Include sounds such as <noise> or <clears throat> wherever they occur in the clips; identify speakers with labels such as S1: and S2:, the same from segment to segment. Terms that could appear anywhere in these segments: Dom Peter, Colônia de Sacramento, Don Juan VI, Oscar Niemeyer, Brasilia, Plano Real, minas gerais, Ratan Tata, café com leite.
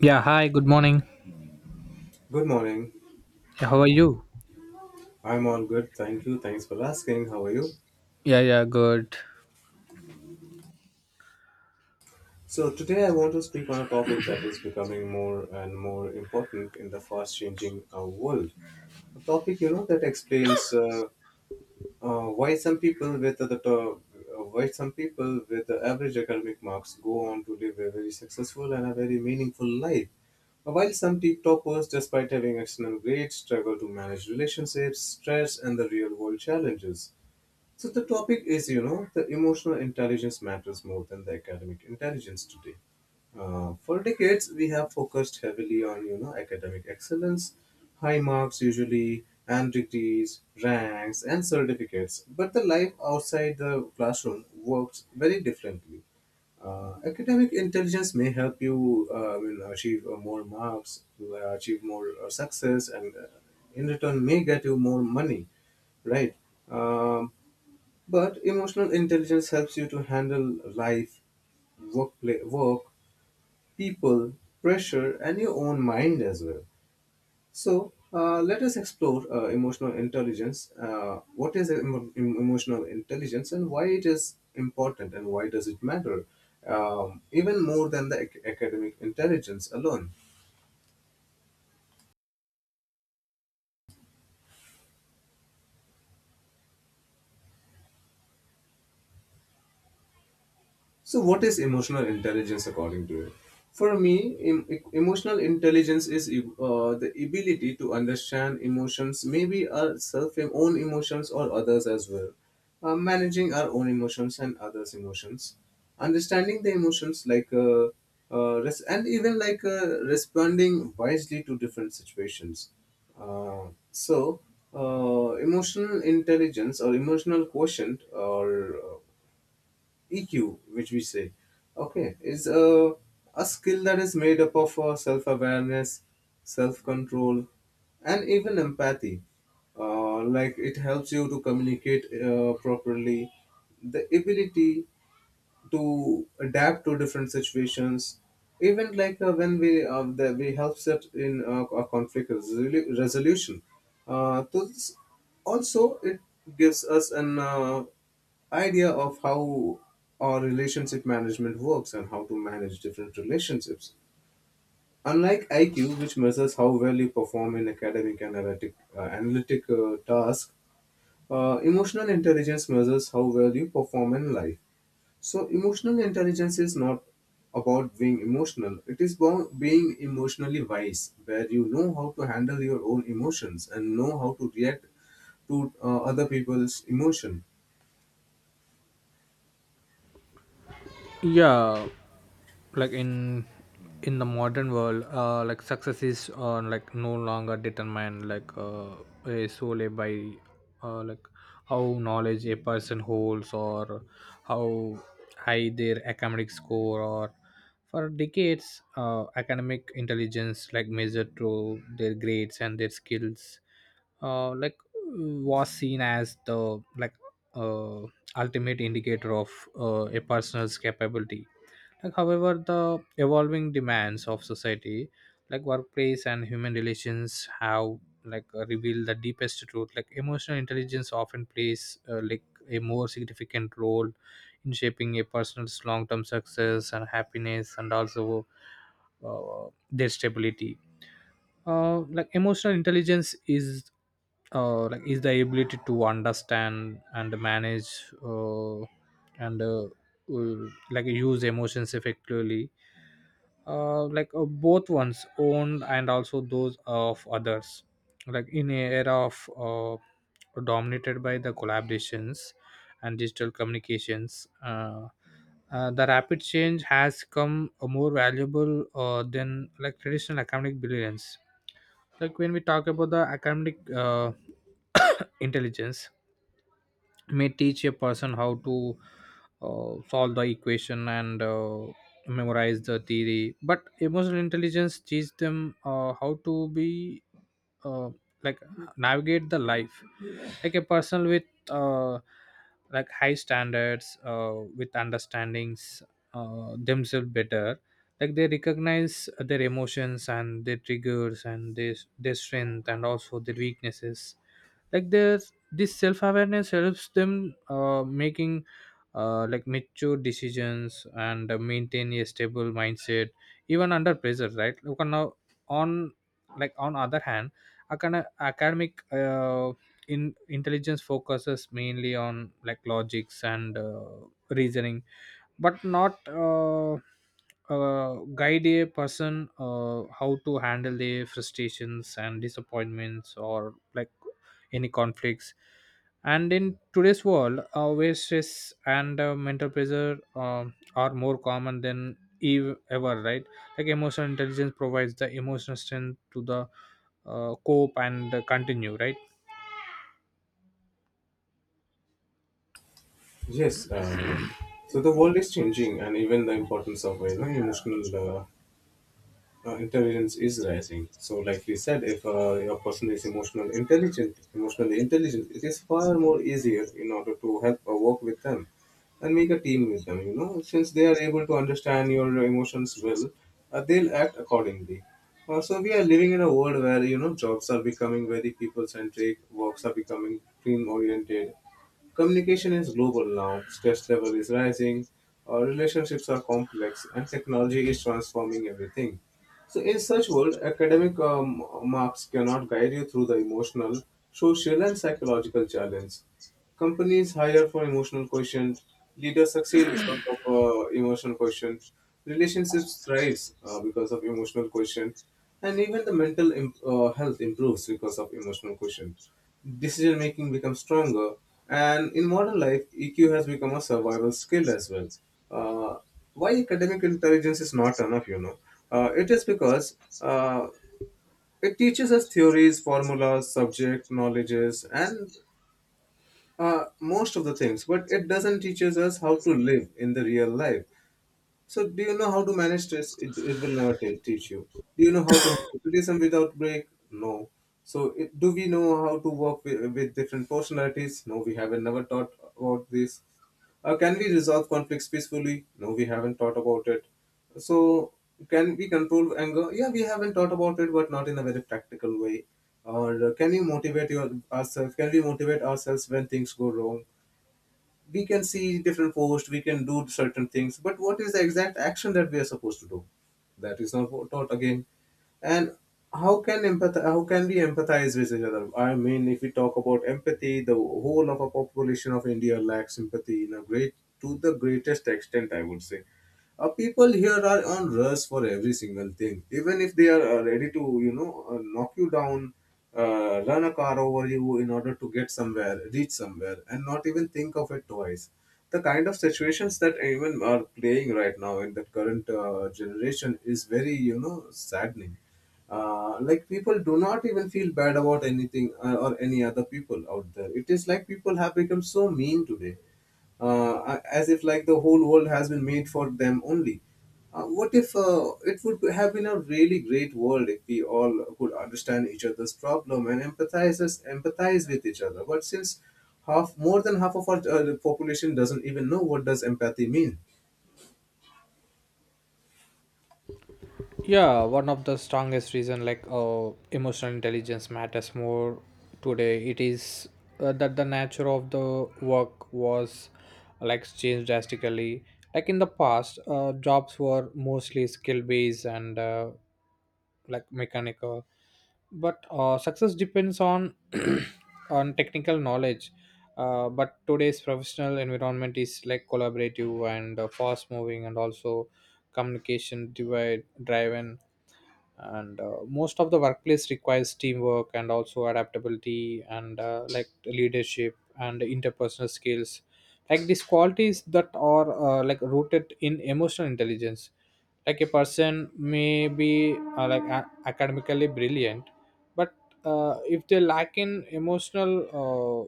S1: Yeah, hi, good morning.
S2: Good morning.
S1: Yeah, how are you?
S2: I'm all good. Thank you. Thanks for asking. How are you?
S1: Yeah, yeah, good.
S2: So, today I want to speak on a topic that is becoming more and more important in the fast changing world. A topic, you know, that explains why some people with why some people with the average academic marks go on to live a very successful and a very meaningful life. While some tip toppers, despite having excellent grades, struggle to manage relationships, stress, and the real world challenges. So the topic is, you know, the emotional intelligence matters more than the academic intelligence today. For decades, we have focused heavily on, you know, academic excellence, high marks usually, and degrees, ranks, and certificates. But the life outside the classroom works very differently. Academic intelligence may help you achieve more marks, achieve more success, and in return may get you more money, right? Um but emotional intelligence helps you to handle life, work, work, people, pressure, and your own mind as well. So, let us explore emotional intelligence. What is emotional intelligence and why it is important and why does it matter? Even more than the academic intelligence alone. So, what is emotional intelligence according to you? For me, emotional intelligence is the ability to understand emotions, maybe our self own emotions or others as well. Managing our own emotions and others' emotions, understanding the emotions like and even like responding wisely to different situations. Uh, so, Emotional intelligence or emotional quotient or EQ, which we say, okay, is a skill that is made up of self awareness, self control, and even empathy. Like it helps you to communicate properly, the ability to adapt to different situations, even like we help set in a resolution to this. Also, it gives us an idea of how our relationship management works and how to manage different relationships, unlike iq which measures how well you perform in academic and analytic task. Emotional intelligence measures how well you perform in life. So, emotional intelligence is not about being emotional, it is about being emotionally wise, where you know how to handle your own emotions and know how to react to other people's emotion.
S1: Yeah, like in the modern world, like success is, like no longer determined, like, solely by, like how knowledge a person holds, or how high their academic score. Or for decades, academic intelligence, like measured through their grades and their skills, like was seen as the, like, uh, ultimate indicator of a person's capability. Like, however, the evolving demands of society, like workplace and human relations, have, like, revealed the deepest truth. Like emotional intelligence often plays, like a more significant role in shaping a person's long-term success and happiness, and also their stability, like emotional intelligence is, like, is the ability to understand and manage, and like use emotions effectively, both ones owned and also those of others, like in a era of, dominated by the collaborations and digital communications, the rapid change has come more valuable than like traditional academic brilliance. Like when we talk about the academic, <coughs> intelligence may teach a person how to, solve the equation and, memorize the theory, but emotional intelligence teach them, how to be, uh, like navigate the life. Like a person with, uh, like high standards, with understandings, themselves better, like they recognize their emotions and their triggers and their strength and also their weaknesses. Like there's this self-awareness, helps them, making, like mature decisions and, maintain a stable mindset even under pressure, right? Look on now, on, like on other hand, academic, in intelligence focuses mainly on like logics and, reasoning, but not, guide a person, how to handle their frustrations and disappointments, or like any conflicts. And in today's world, where stress and, mental pressure are more common than ever, right? Like emotional intelligence provides the emotional strength to the, cope and continue, right?
S2: Yes, so the world is changing, and even the importance of emotional intelligence is rising. So, like we said, if a person is emotionally intelligent, it is far more easier in order to help or work with them and make a team with them, you know, since they are able to understand your emotions well. They'll act accordingly. Also, we are living in a world where you know jobs are becoming very people centric, works are becoming team oriented, communication is global now, stress level is rising, relationships are complex and technology is transforming everything. So in such world, academic marks cannot guide you through the emotional, social and psychological challenge. Companies hire for emotional quotient. Leaders succeed because of emotional quotient. Relationships thrives because of emotional quotient, and even the mental health improves because of emotional quotient. Decision making becomes stronger, and in modern life, EQ has become a survival skill as well. Uh, why academic intelligence is not enough, you know? It is because it teaches us theories, formulas, subject knowledges, and most of the things, but it doesn't teaches us how to live in the real life. So, do you know how to manage stress? It will never teach you. Do you know how to handle criticism without break? No. So, it, do we know how to work with different personalities? No, we haven't never taught about this. Can we resolve conflicts peacefully? No, we haven't thought about it. So, can we control anger? Yeah, we haven't thought about it, but not in a very practical way. Or can you motivate ourselves? Can we motivate ourselves when things go wrong? We can see different posts, we can do certain things, but what is the exact action that we are supposed to do? That is not taught again. And how can we empathize with each other? I mean, if we talk about empathy, the whole of a population of India lacks empathy in a great to the greatest extent, I would say. People here are on rush for every single thing, even if they are ready to, you know, knock you down, run a car over you in order to get somewhere, reach somewhere and not even think of it twice. The kind of situations that even are playing right now in the current generation is very, you know, saddening. Like, people do not even feel bad about anything, or any other people out there. It is like people have become so mean today, as if like the whole world has been made for them only. What if it would have been a really great world if we all could understand each other's problem and empathize with each other? But since half more than half of our population doesn't even know what does empathy mean.
S1: Yeah, one of the strongest reason, like, emotional intelligence matters more today. It is, that the nature of the work was, like, changed drastically. Like in the past, jobs were mostly skill based and, like mechanical, but, success depends on <clears throat> on technical knowledge. But today's professional environment is like collaborative and, fast moving, and also communication divide driven. And, most of the workplace requires teamwork and also adaptability and, like leadership and interpersonal skills, like these qualities that are, like rooted in emotional intelligence. Like a person may be, academically brilliant, but, if they lack in emotional, uh,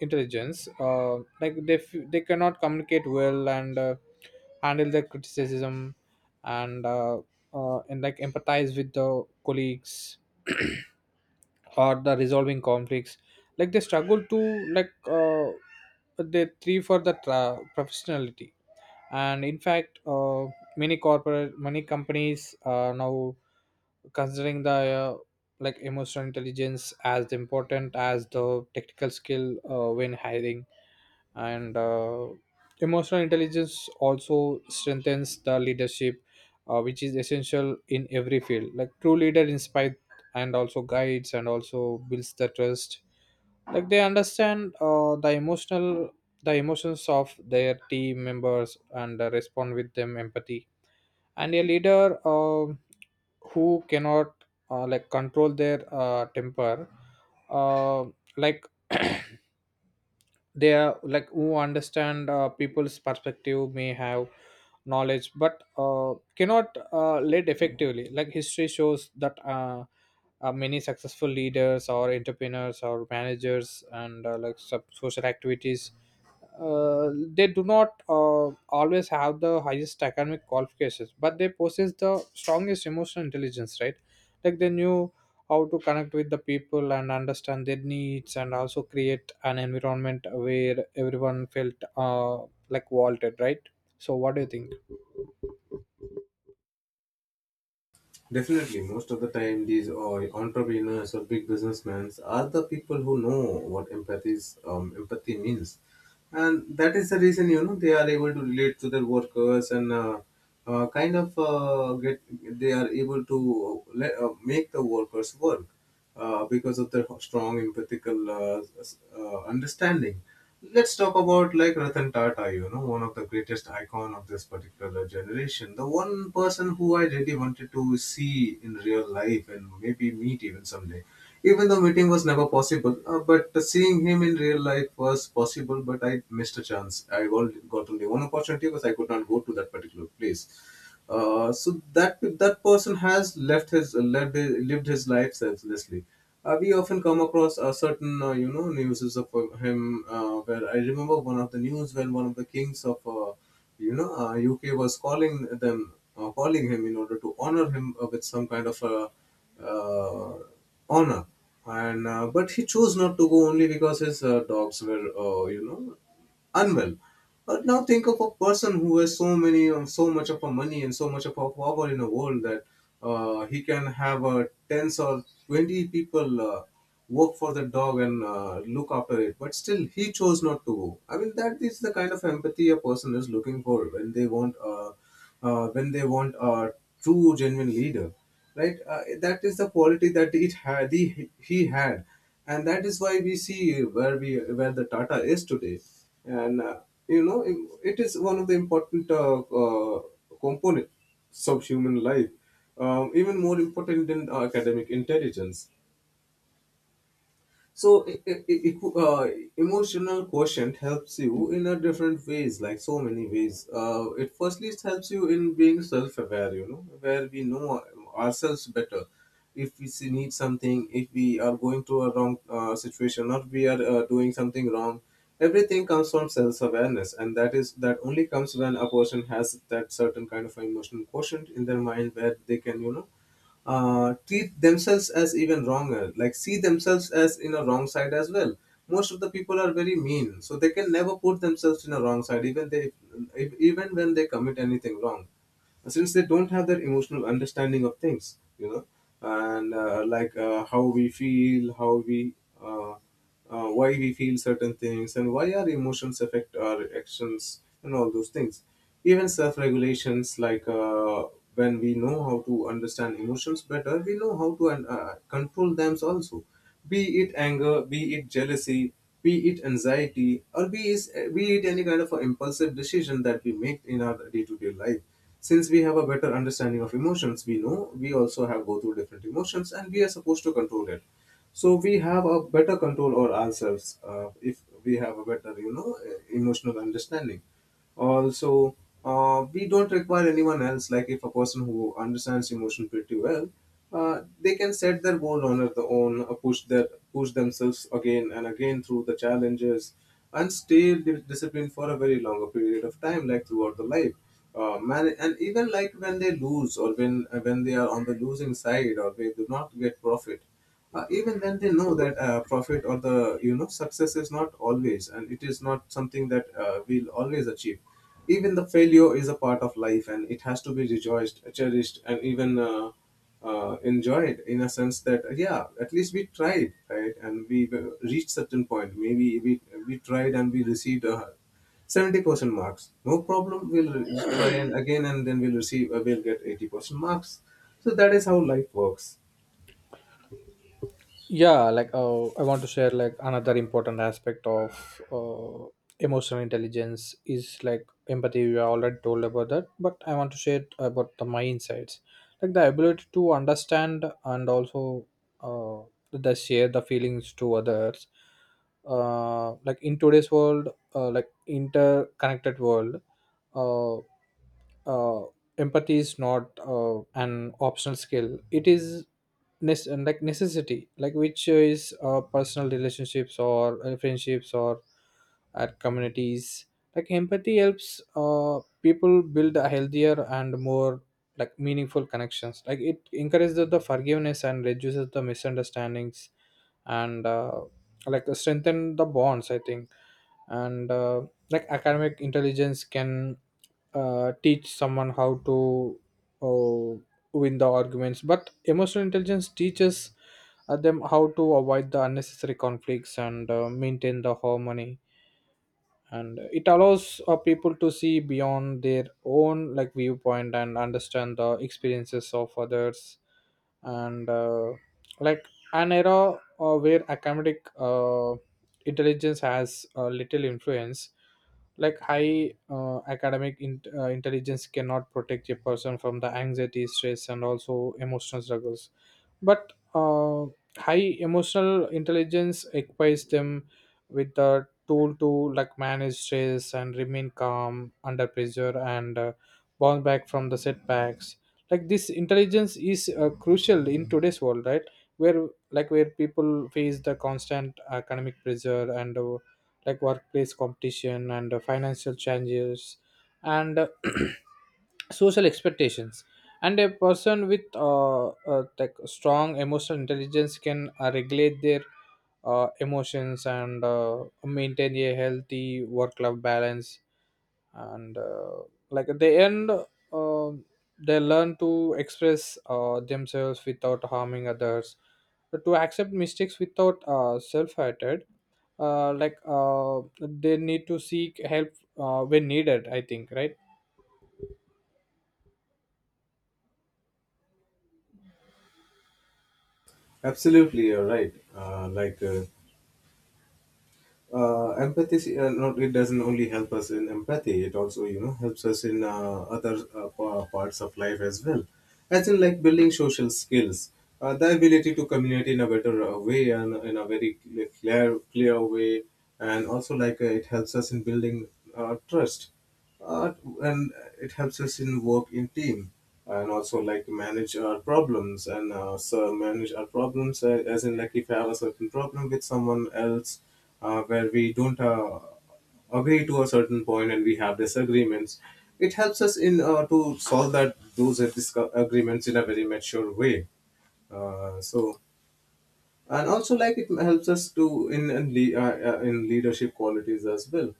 S1: intelligence, like they cannot communicate well and, handle the criticism and, and like empathize with the colleagues, <clears throat> or the resolving conflicts. Like they struggle to, like, they three for the professionality. And in fact, many corporate, many companies are now considering the, like emotional intelligence as important as the technical skill when hiring. And, emotional intelligence also strengthens the leadership, which is essential in every field. Like true leader inspires and also guides and also builds the trust. Like they understand, the emotions of their team members and, respond with them empathy. And a leader who cannot, like control their, temper, uh, like <clears throat> they are like who understand, people's perspective may have knowledge, but, cannot, lead effectively. Like history shows that, many successful leaders or entrepreneurs or managers and, social activities, uh, they do not, always have the highest academic qualifications, but they possess the strongest emotional intelligence, right? Like they knew how to connect with the people and understand their needs, and also create an environment where everyone felt, like wanted, right? So, what do you think?
S2: Definitely, most of the time, these entrepreneurs or big businessmen are the people who know what empathy is, empathy means, and that is the reason, you know, they are able to relate to their workers and kind of get they are able to make the workers work because of their strong empathical understanding. Let's talk about like Ratan Tata, you know, one of the greatest icon of this particular generation, the one person who I really wanted to see in real life and maybe meet even someday. Even though meeting was never possible, but seeing him in real life was possible, but I missed a chance. I only got only one opportunity because I could not go to that particular place. So that person has lived his life selflessly. We often come across a certain newses of him, where I remember one of the news when one of the kings of UK was calling him in order to honor him with some kind of a uh, honor, and but he chose not to go only because his dogs were, unwell. But now think of a person who has so much of our money and so much of our power in the world that he can have tens or 20 people work for the dog and look after it, but still he chose not to go. I mean, that is the kind of empathy a person is looking for when they want, when they want a true genuine leader, right? That is the quality that it had he had. And that is why we see where the Tata is today. And you know it is one of the important components of human life, even more important than academic intelligence. So emotional quotient helps you in a different ways, like so many ways. It firstly it helps you in being self-aware, you know, where we know ourselves better. If we need something, if we are going through a wrong situation, or we are doing something wrong, everything comes from self-awareness, and that only comes when a person has that certain kind of emotional quotient in their mind, where they can, you know, treat themselves as even wronger, like see themselves as in a wrong side as well. Most of the people are very mean, so they can never put themselves in a wrong side, even they, if, even when they commit anything wrong, since they don't have that emotional understanding of things, you know, and how we feel, how we. Uh, why we feel certain things and why our emotions affect our actions and all those things, even self regulations. When we know how to understand emotions better, we know how to control them also, be it anger, be it jealousy, be it anxiety, or be it any kind of a impulsive decision that we make in our day-to-day life. Since we have a better understanding of emotions, we know we also have go through different emotions and we are supposed to control it, so we have a better control over ourselves if we have a better, you know, emotional understanding also. We don't require anyone else. Like if a person who understands emotion pretty well, they can set their goal on their own, push themselves again and again through the challenges and stay disciplined for a very longer period of time, like throughout the life. Man, and even like when they lose, or when they are on the losing side or they do not get profit, even then they know that profit or the, you know, success is not always, and it is not something that we'll always achieve. Even the failure is a part of life, and it has to be rejoiced, cherished, and even enjoyed, in a sense that yeah, at least we tried, right? And we reached certain point. Maybe we tried and we received 70% marks. No problem, we'll try and again, and then we'll receive we'll get 80% marks. So that is how life works.
S1: Yeah, like, I want to share, like, another important aspect of, emotional intelligence is like empathy. We already told about that, but I want to share about the my insights. Like the ability to understand and also, uh, the share the feelings to others, like in today's world, like interconnected world. uh, uh, Empathy is not, an optional skill, it is like necessity, like which is, personal relationships or, friendships or at communities. Like empathy helps, people build a healthier and more, like, meaningful connections. Like it encourages the forgiveness and reduces the misunderstandings, and, like strengthen the bonds, I think. And, like academic intelligence can, teach someone how to, uh, win the arguments, but emotional intelligence teaches, them how to avoid the unnecessary conflicts and, maintain the harmony. And it allows, people to see beyond their own, like, viewpoint and understand the experiences of others. And, like an era, where academic, intelligence has, little influence. Like high, academic intelligence cannot protect a person from the anxiety, stress, and also emotional struggles. But, high emotional intelligence equips them with the tool to, like, manage stress and remain calm under pressure and, bounce back from the setbacks. Like this intelligence is, crucial in today's world, right, where, like, where people face the constant economic pressure and, like workplace competition and, financial challenges and, <clears throat> social expectations. And a person with, like strong emotional intelligence can, regulate their, emotions and, maintain a healthy work life balance. And, like at the end, they learn to express, themselves without harming others, to accept mistakes without, self-hatred, they need to seek help, when needed, I think, right?
S2: Absolutely, you're right. Empathy, not it doesn't only help us in empathy. It also, you know, helps us in other parts of life as well, as in like building social skills, the ability to communicate in a better way and in a very clear way, and also like it helps us in building trust, uh, and it helps us in work in team, and also like manage our problems and so manage our problems as in like if I have a certain problem with someone else, where we don't agree to a certain point and we have disagreements, it helps us in to solve that those disagreements in a very mature way. So and also like it helps us to in leadership qualities as well.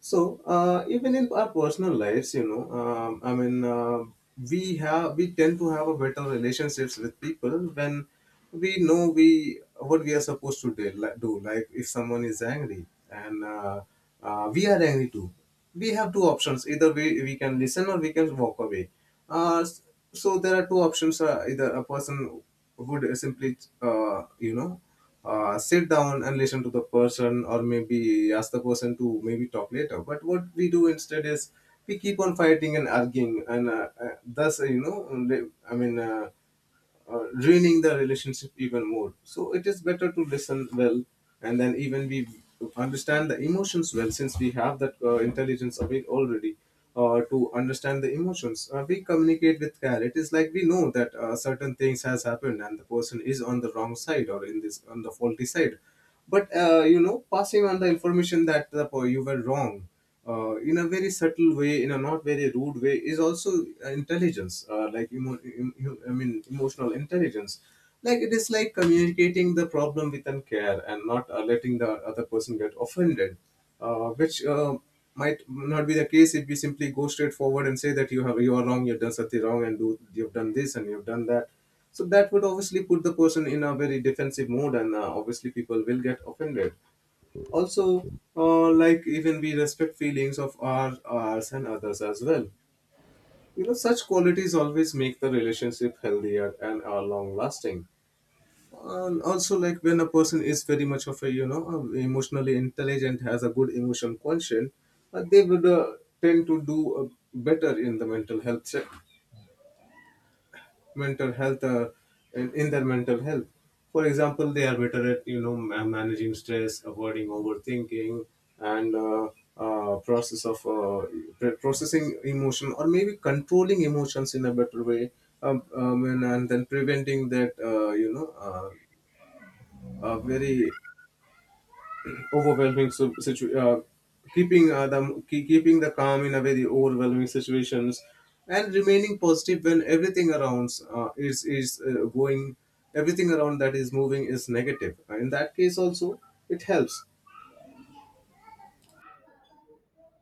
S2: Even in our personal lives, we tend to have a better relationships with people when we know we what we are supposed to do. Like if someone is angry and we are angry too, we have two options. Either we can listen or we can walk away. Uh, s- so there are two options. Either a person would simply, sit down and listen to the person, or maybe ask the person to maybe talk later. But what we do instead is we keep on fighting and arguing and thus, i mean uh, ruining the relationship even more. So it is better to listen well, and then even we understand the emotions well, since we have that intelligence of it already. To understand the emotions, we communicate with care. It is like we know that certain things has happened and the person is on the wrong side or in this on the faulty side. But passing on the information that the, you were wrong in a very subtle way, in a not very rude way, is also intelligence, emotional intelligence. Like it is like communicating the problem with an care and not letting the other person get offended, which might not be the case if we simply go straight forward and say that you are wrong, you've done something wrong, and do you've done this and you've done that. So that would obviously put the person in a very defensive mode, and obviously people will get offended also. Like even we respect feelings of our ours and others as well. You know, such qualities always make the relationship healthier and are long lasting. And also, like when a person is very much of a, emotionally intelligent, has a good emotion quotient, they would tend to do better in the mental health check, mental health uh, in their mental health. For example, they are better at, you know, managing stress, avoiding overthinking, and process of processing emotion, or maybe controlling emotions in a better way, and then preventing that, a very overwhelming keeping the calm in a very overwhelming situations, and remaining positive when everything around that is moving is negative. In that case also, it helps.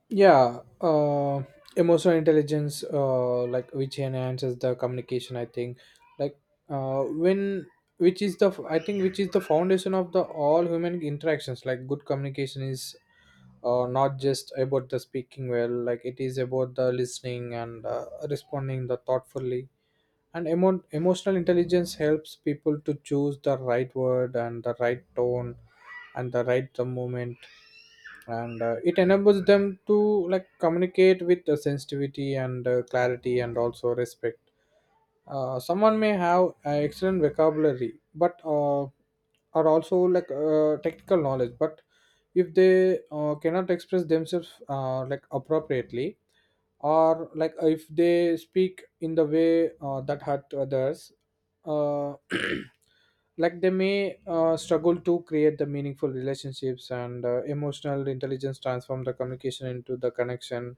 S1: Yeah, emotional intelligence, like, which enhances the communication, I think. Like, when, which is the, I think, which is the foundation of the all human interactions. Like good communication is, not just about the speaking well, like it is about the listening and, responding the thoughtfully. And emotional intelligence helps people to choose the right word and the right tone and the right the moment. And, it enables them to, like, communicate with, sensitivity and, clarity and also respect. Someone may have, excellent vocabulary, but, are also like, technical knowledge, but if they, cannot express themselves, like appropriately, or like if they speak in the way, that hurt others, uh, <clears throat> like they may, struggle to create the meaningful relationships, and, emotional intelligence transform the communication into the connection.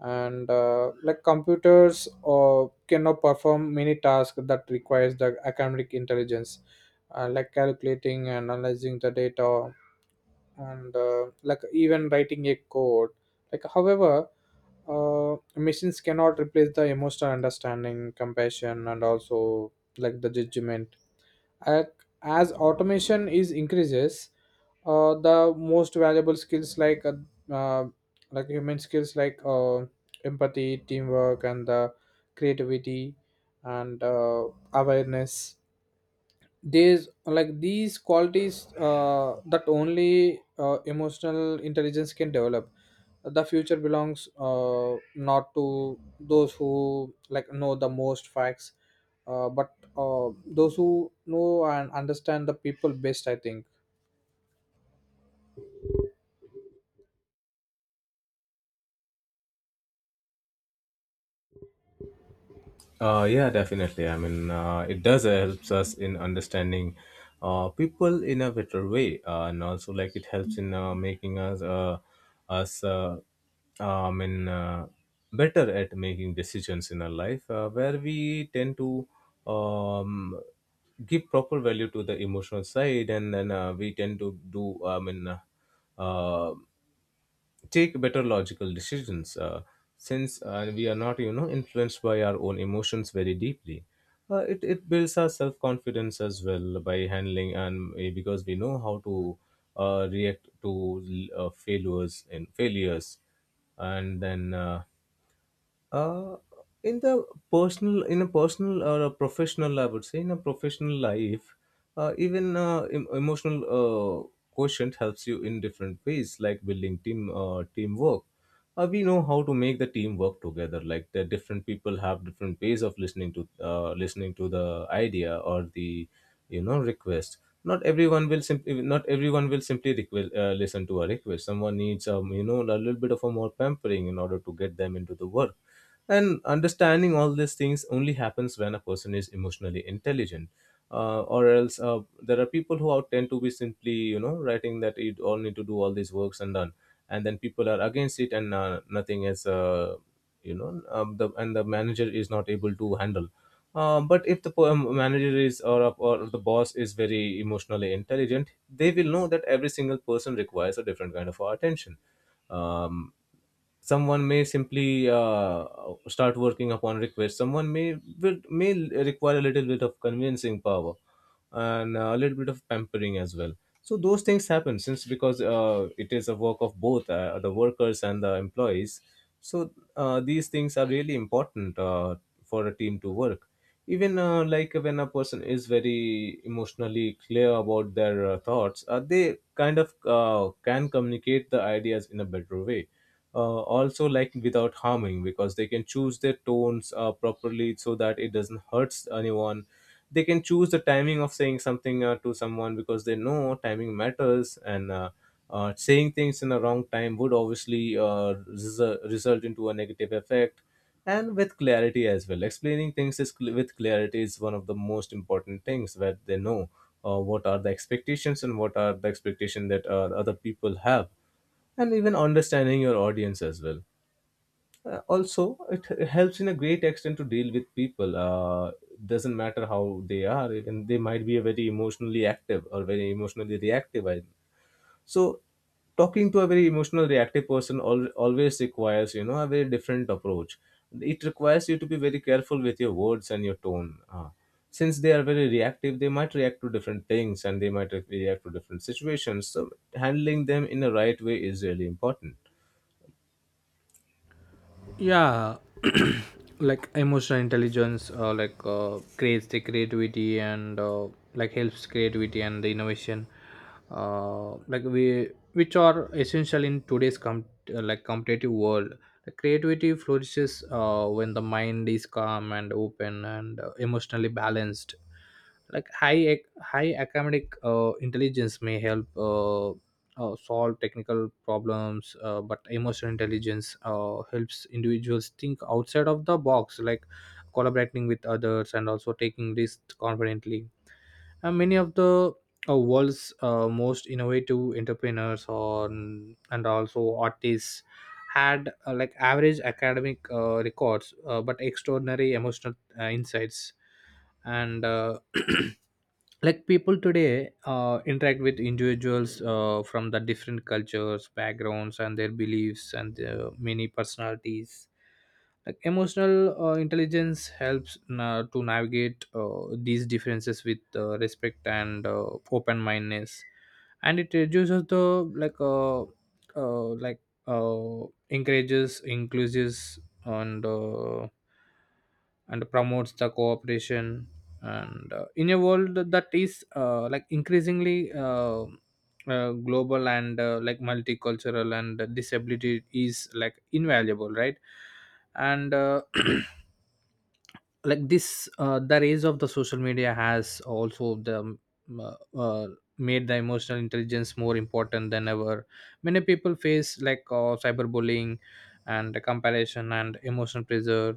S1: And, like computers, cannot perform many tasks that requires the academic intelligence, like calculating and analyzing the data and, like even writing a code. Like however, machines cannot replace the emotional understanding, compassion, and also, like, the judgment. Uh, as automation is increases, the most valuable skills, like, uh, like human skills, like, empathy, teamwork, and the creativity and, awareness. These, like, these qualities, that only, emotional intelligence can develop. The future belongs, not to those who like know the most facts, but, those who know and understand the people best, I think.
S2: Yeah, definitely. I mean, it does helps us in understanding people in a better way, and also like it helps in making us us I mean better at making decisions in our life, where we tend to um, give proper value to the emotional side, and then we tend to do, I mean, Uh, take better logical decisions, since we are not, you know, influenced by our own emotions very deeply. It builds our self-confidence as well by handling, because we know how to react to failures and failures, and then uh in the personal or a professional, I would say in a professional life, even emotional quotient helps you in different ways, like building team teamwork. We know how to make the team work together, like the different people have different ways of listening to listening to the idea, or the, you know, request. Not everyone will simply listen to a request. Someone needs, a little bit of a more pampering in order to get them into the work. And understanding all these things only happens when a person is emotionally intelligent. Or else, there are people who out tend to be simply, you know, writing that you all need to do all these works and done, and then people are against it, and nothing is, the and the manager is not able to handle. But if the manager is, or the boss is very emotionally intelligent, they will know that every single person requires a different kind of attention. um, Someone may simply start working upon request. Someone may may require a little bit of convincing power and a little bit of pampering as well. So those things happen since because it is a work of both the workers and the employees. so these things are really important for a team to work. Even like when a person is very emotionally clear about their thoughts, they kind of can communicate the ideas in a better way. Also, like without harming, because they can choose their tones properly so that it doesn't hurt anyone. They can choose the timing of saying something to someone, because they know timing matters, and saying things in the wrong time would obviously result into a negative effect. And with clarity as well, explaining things is with clarity is one of the most important things, where they know what are the expectations and what are the expectation that other people have. And even understanding your audience as well. Also, it helps in a great extent to deal with people, doesn't matter how they are, and they might be very emotionally active or very emotionally reactive. I so talking to a very emotional reactive person always requires, you know, a very different approach. It requires you to be very careful with your words and your tone, since they are very reactive, they might react to different things and they might react to different situations. So handling them in the right way is really important.
S1: Yeah. <clears throat> Like emotional intelligence, creates the creativity and, like helps creativity and the innovation, like we, which are essential in today's like competitive world. The creativity flourishes, when the mind is calm and open and, emotionally balanced. Like high high academic, intelligence may help, solve technical problems, but emotional intelligence, helps individuals think outside of the box, like collaborating with others and also taking risks confidently. And many of the, world's, most innovative entrepreneurs or, and also artists, had, like average academic, records, but extraordinary emotional, insights. And, <clears throat> like people today, interact with individuals, from the different cultures, backgrounds, and their beliefs, and their many personalities. Like emotional, intelligence helps to navigate, these differences with, respect and, open mindedness. And it reduces the, like uh, uh like encourages inclusives, and, and promotes the cooperation. And, in a world that is, like increasingly, global and, like multicultural, and disability is like invaluable, right? And, <clears throat> like this, the rise of the social media has also the, uh, uh, made the emotional intelligence more important than ever. Many people face, like, cyberbullying and comparison and emotional pressure,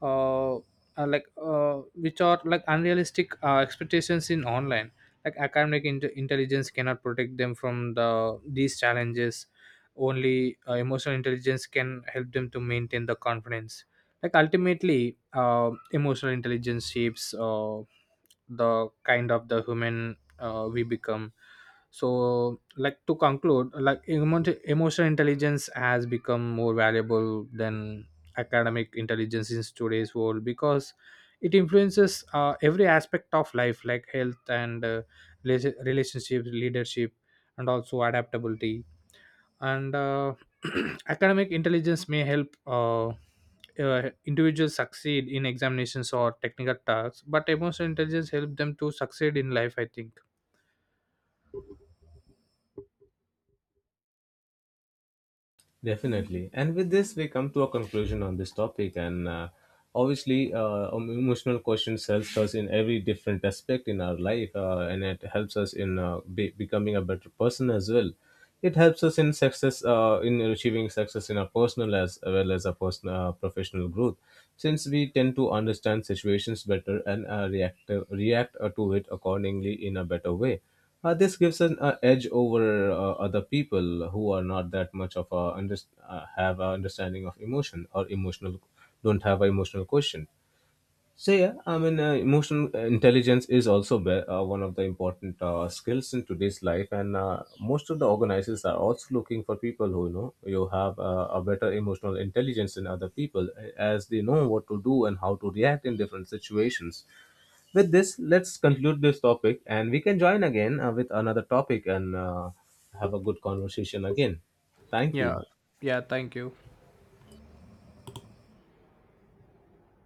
S1: which are like unrealistic, expectations in online. Like academic intelligence cannot protect them from the these challenges. Only, emotional intelligence can help them to maintain the confidence. Like ultimately, emotional intelligence shapes, the kind of the human, we become. So, like, to conclude, like, emotional intelligence has become more valuable than academic intelligence in today's world, because it influences, every aspect of life, like health and, relationships, leadership, and also adaptability and, <clears throat> academic intelligence may help, individuals succeed in examinations or technical tasks, but emotional intelligence helps them to succeed in life, I think.
S2: Definitely. And with this, we come to a conclusion on this topic. And obviously, emotional questions helps us in every different aspect in our life, and it helps us in becoming a better person as well. It helps us in success, in achieving success in our personal, as well as our personal professional growth, since we tend to understand situations better and react to it accordingly in a better way. This gives an edge over other people who are not that much of a have a understanding of emotion, or emotional, don't have an emotional quotient. So yeah, I mean, emotional intelligence is also one of the important skills in today's life, and most of the organizers are also looking for people who, you know, you have a better emotional intelligence than other people, as they know what to do and how to react in different situations. With this, let's conclude this topic, and we can join again with another topic and have a good conversation again. Thank
S1: Yeah.
S2: you.
S1: Yeah, thank you.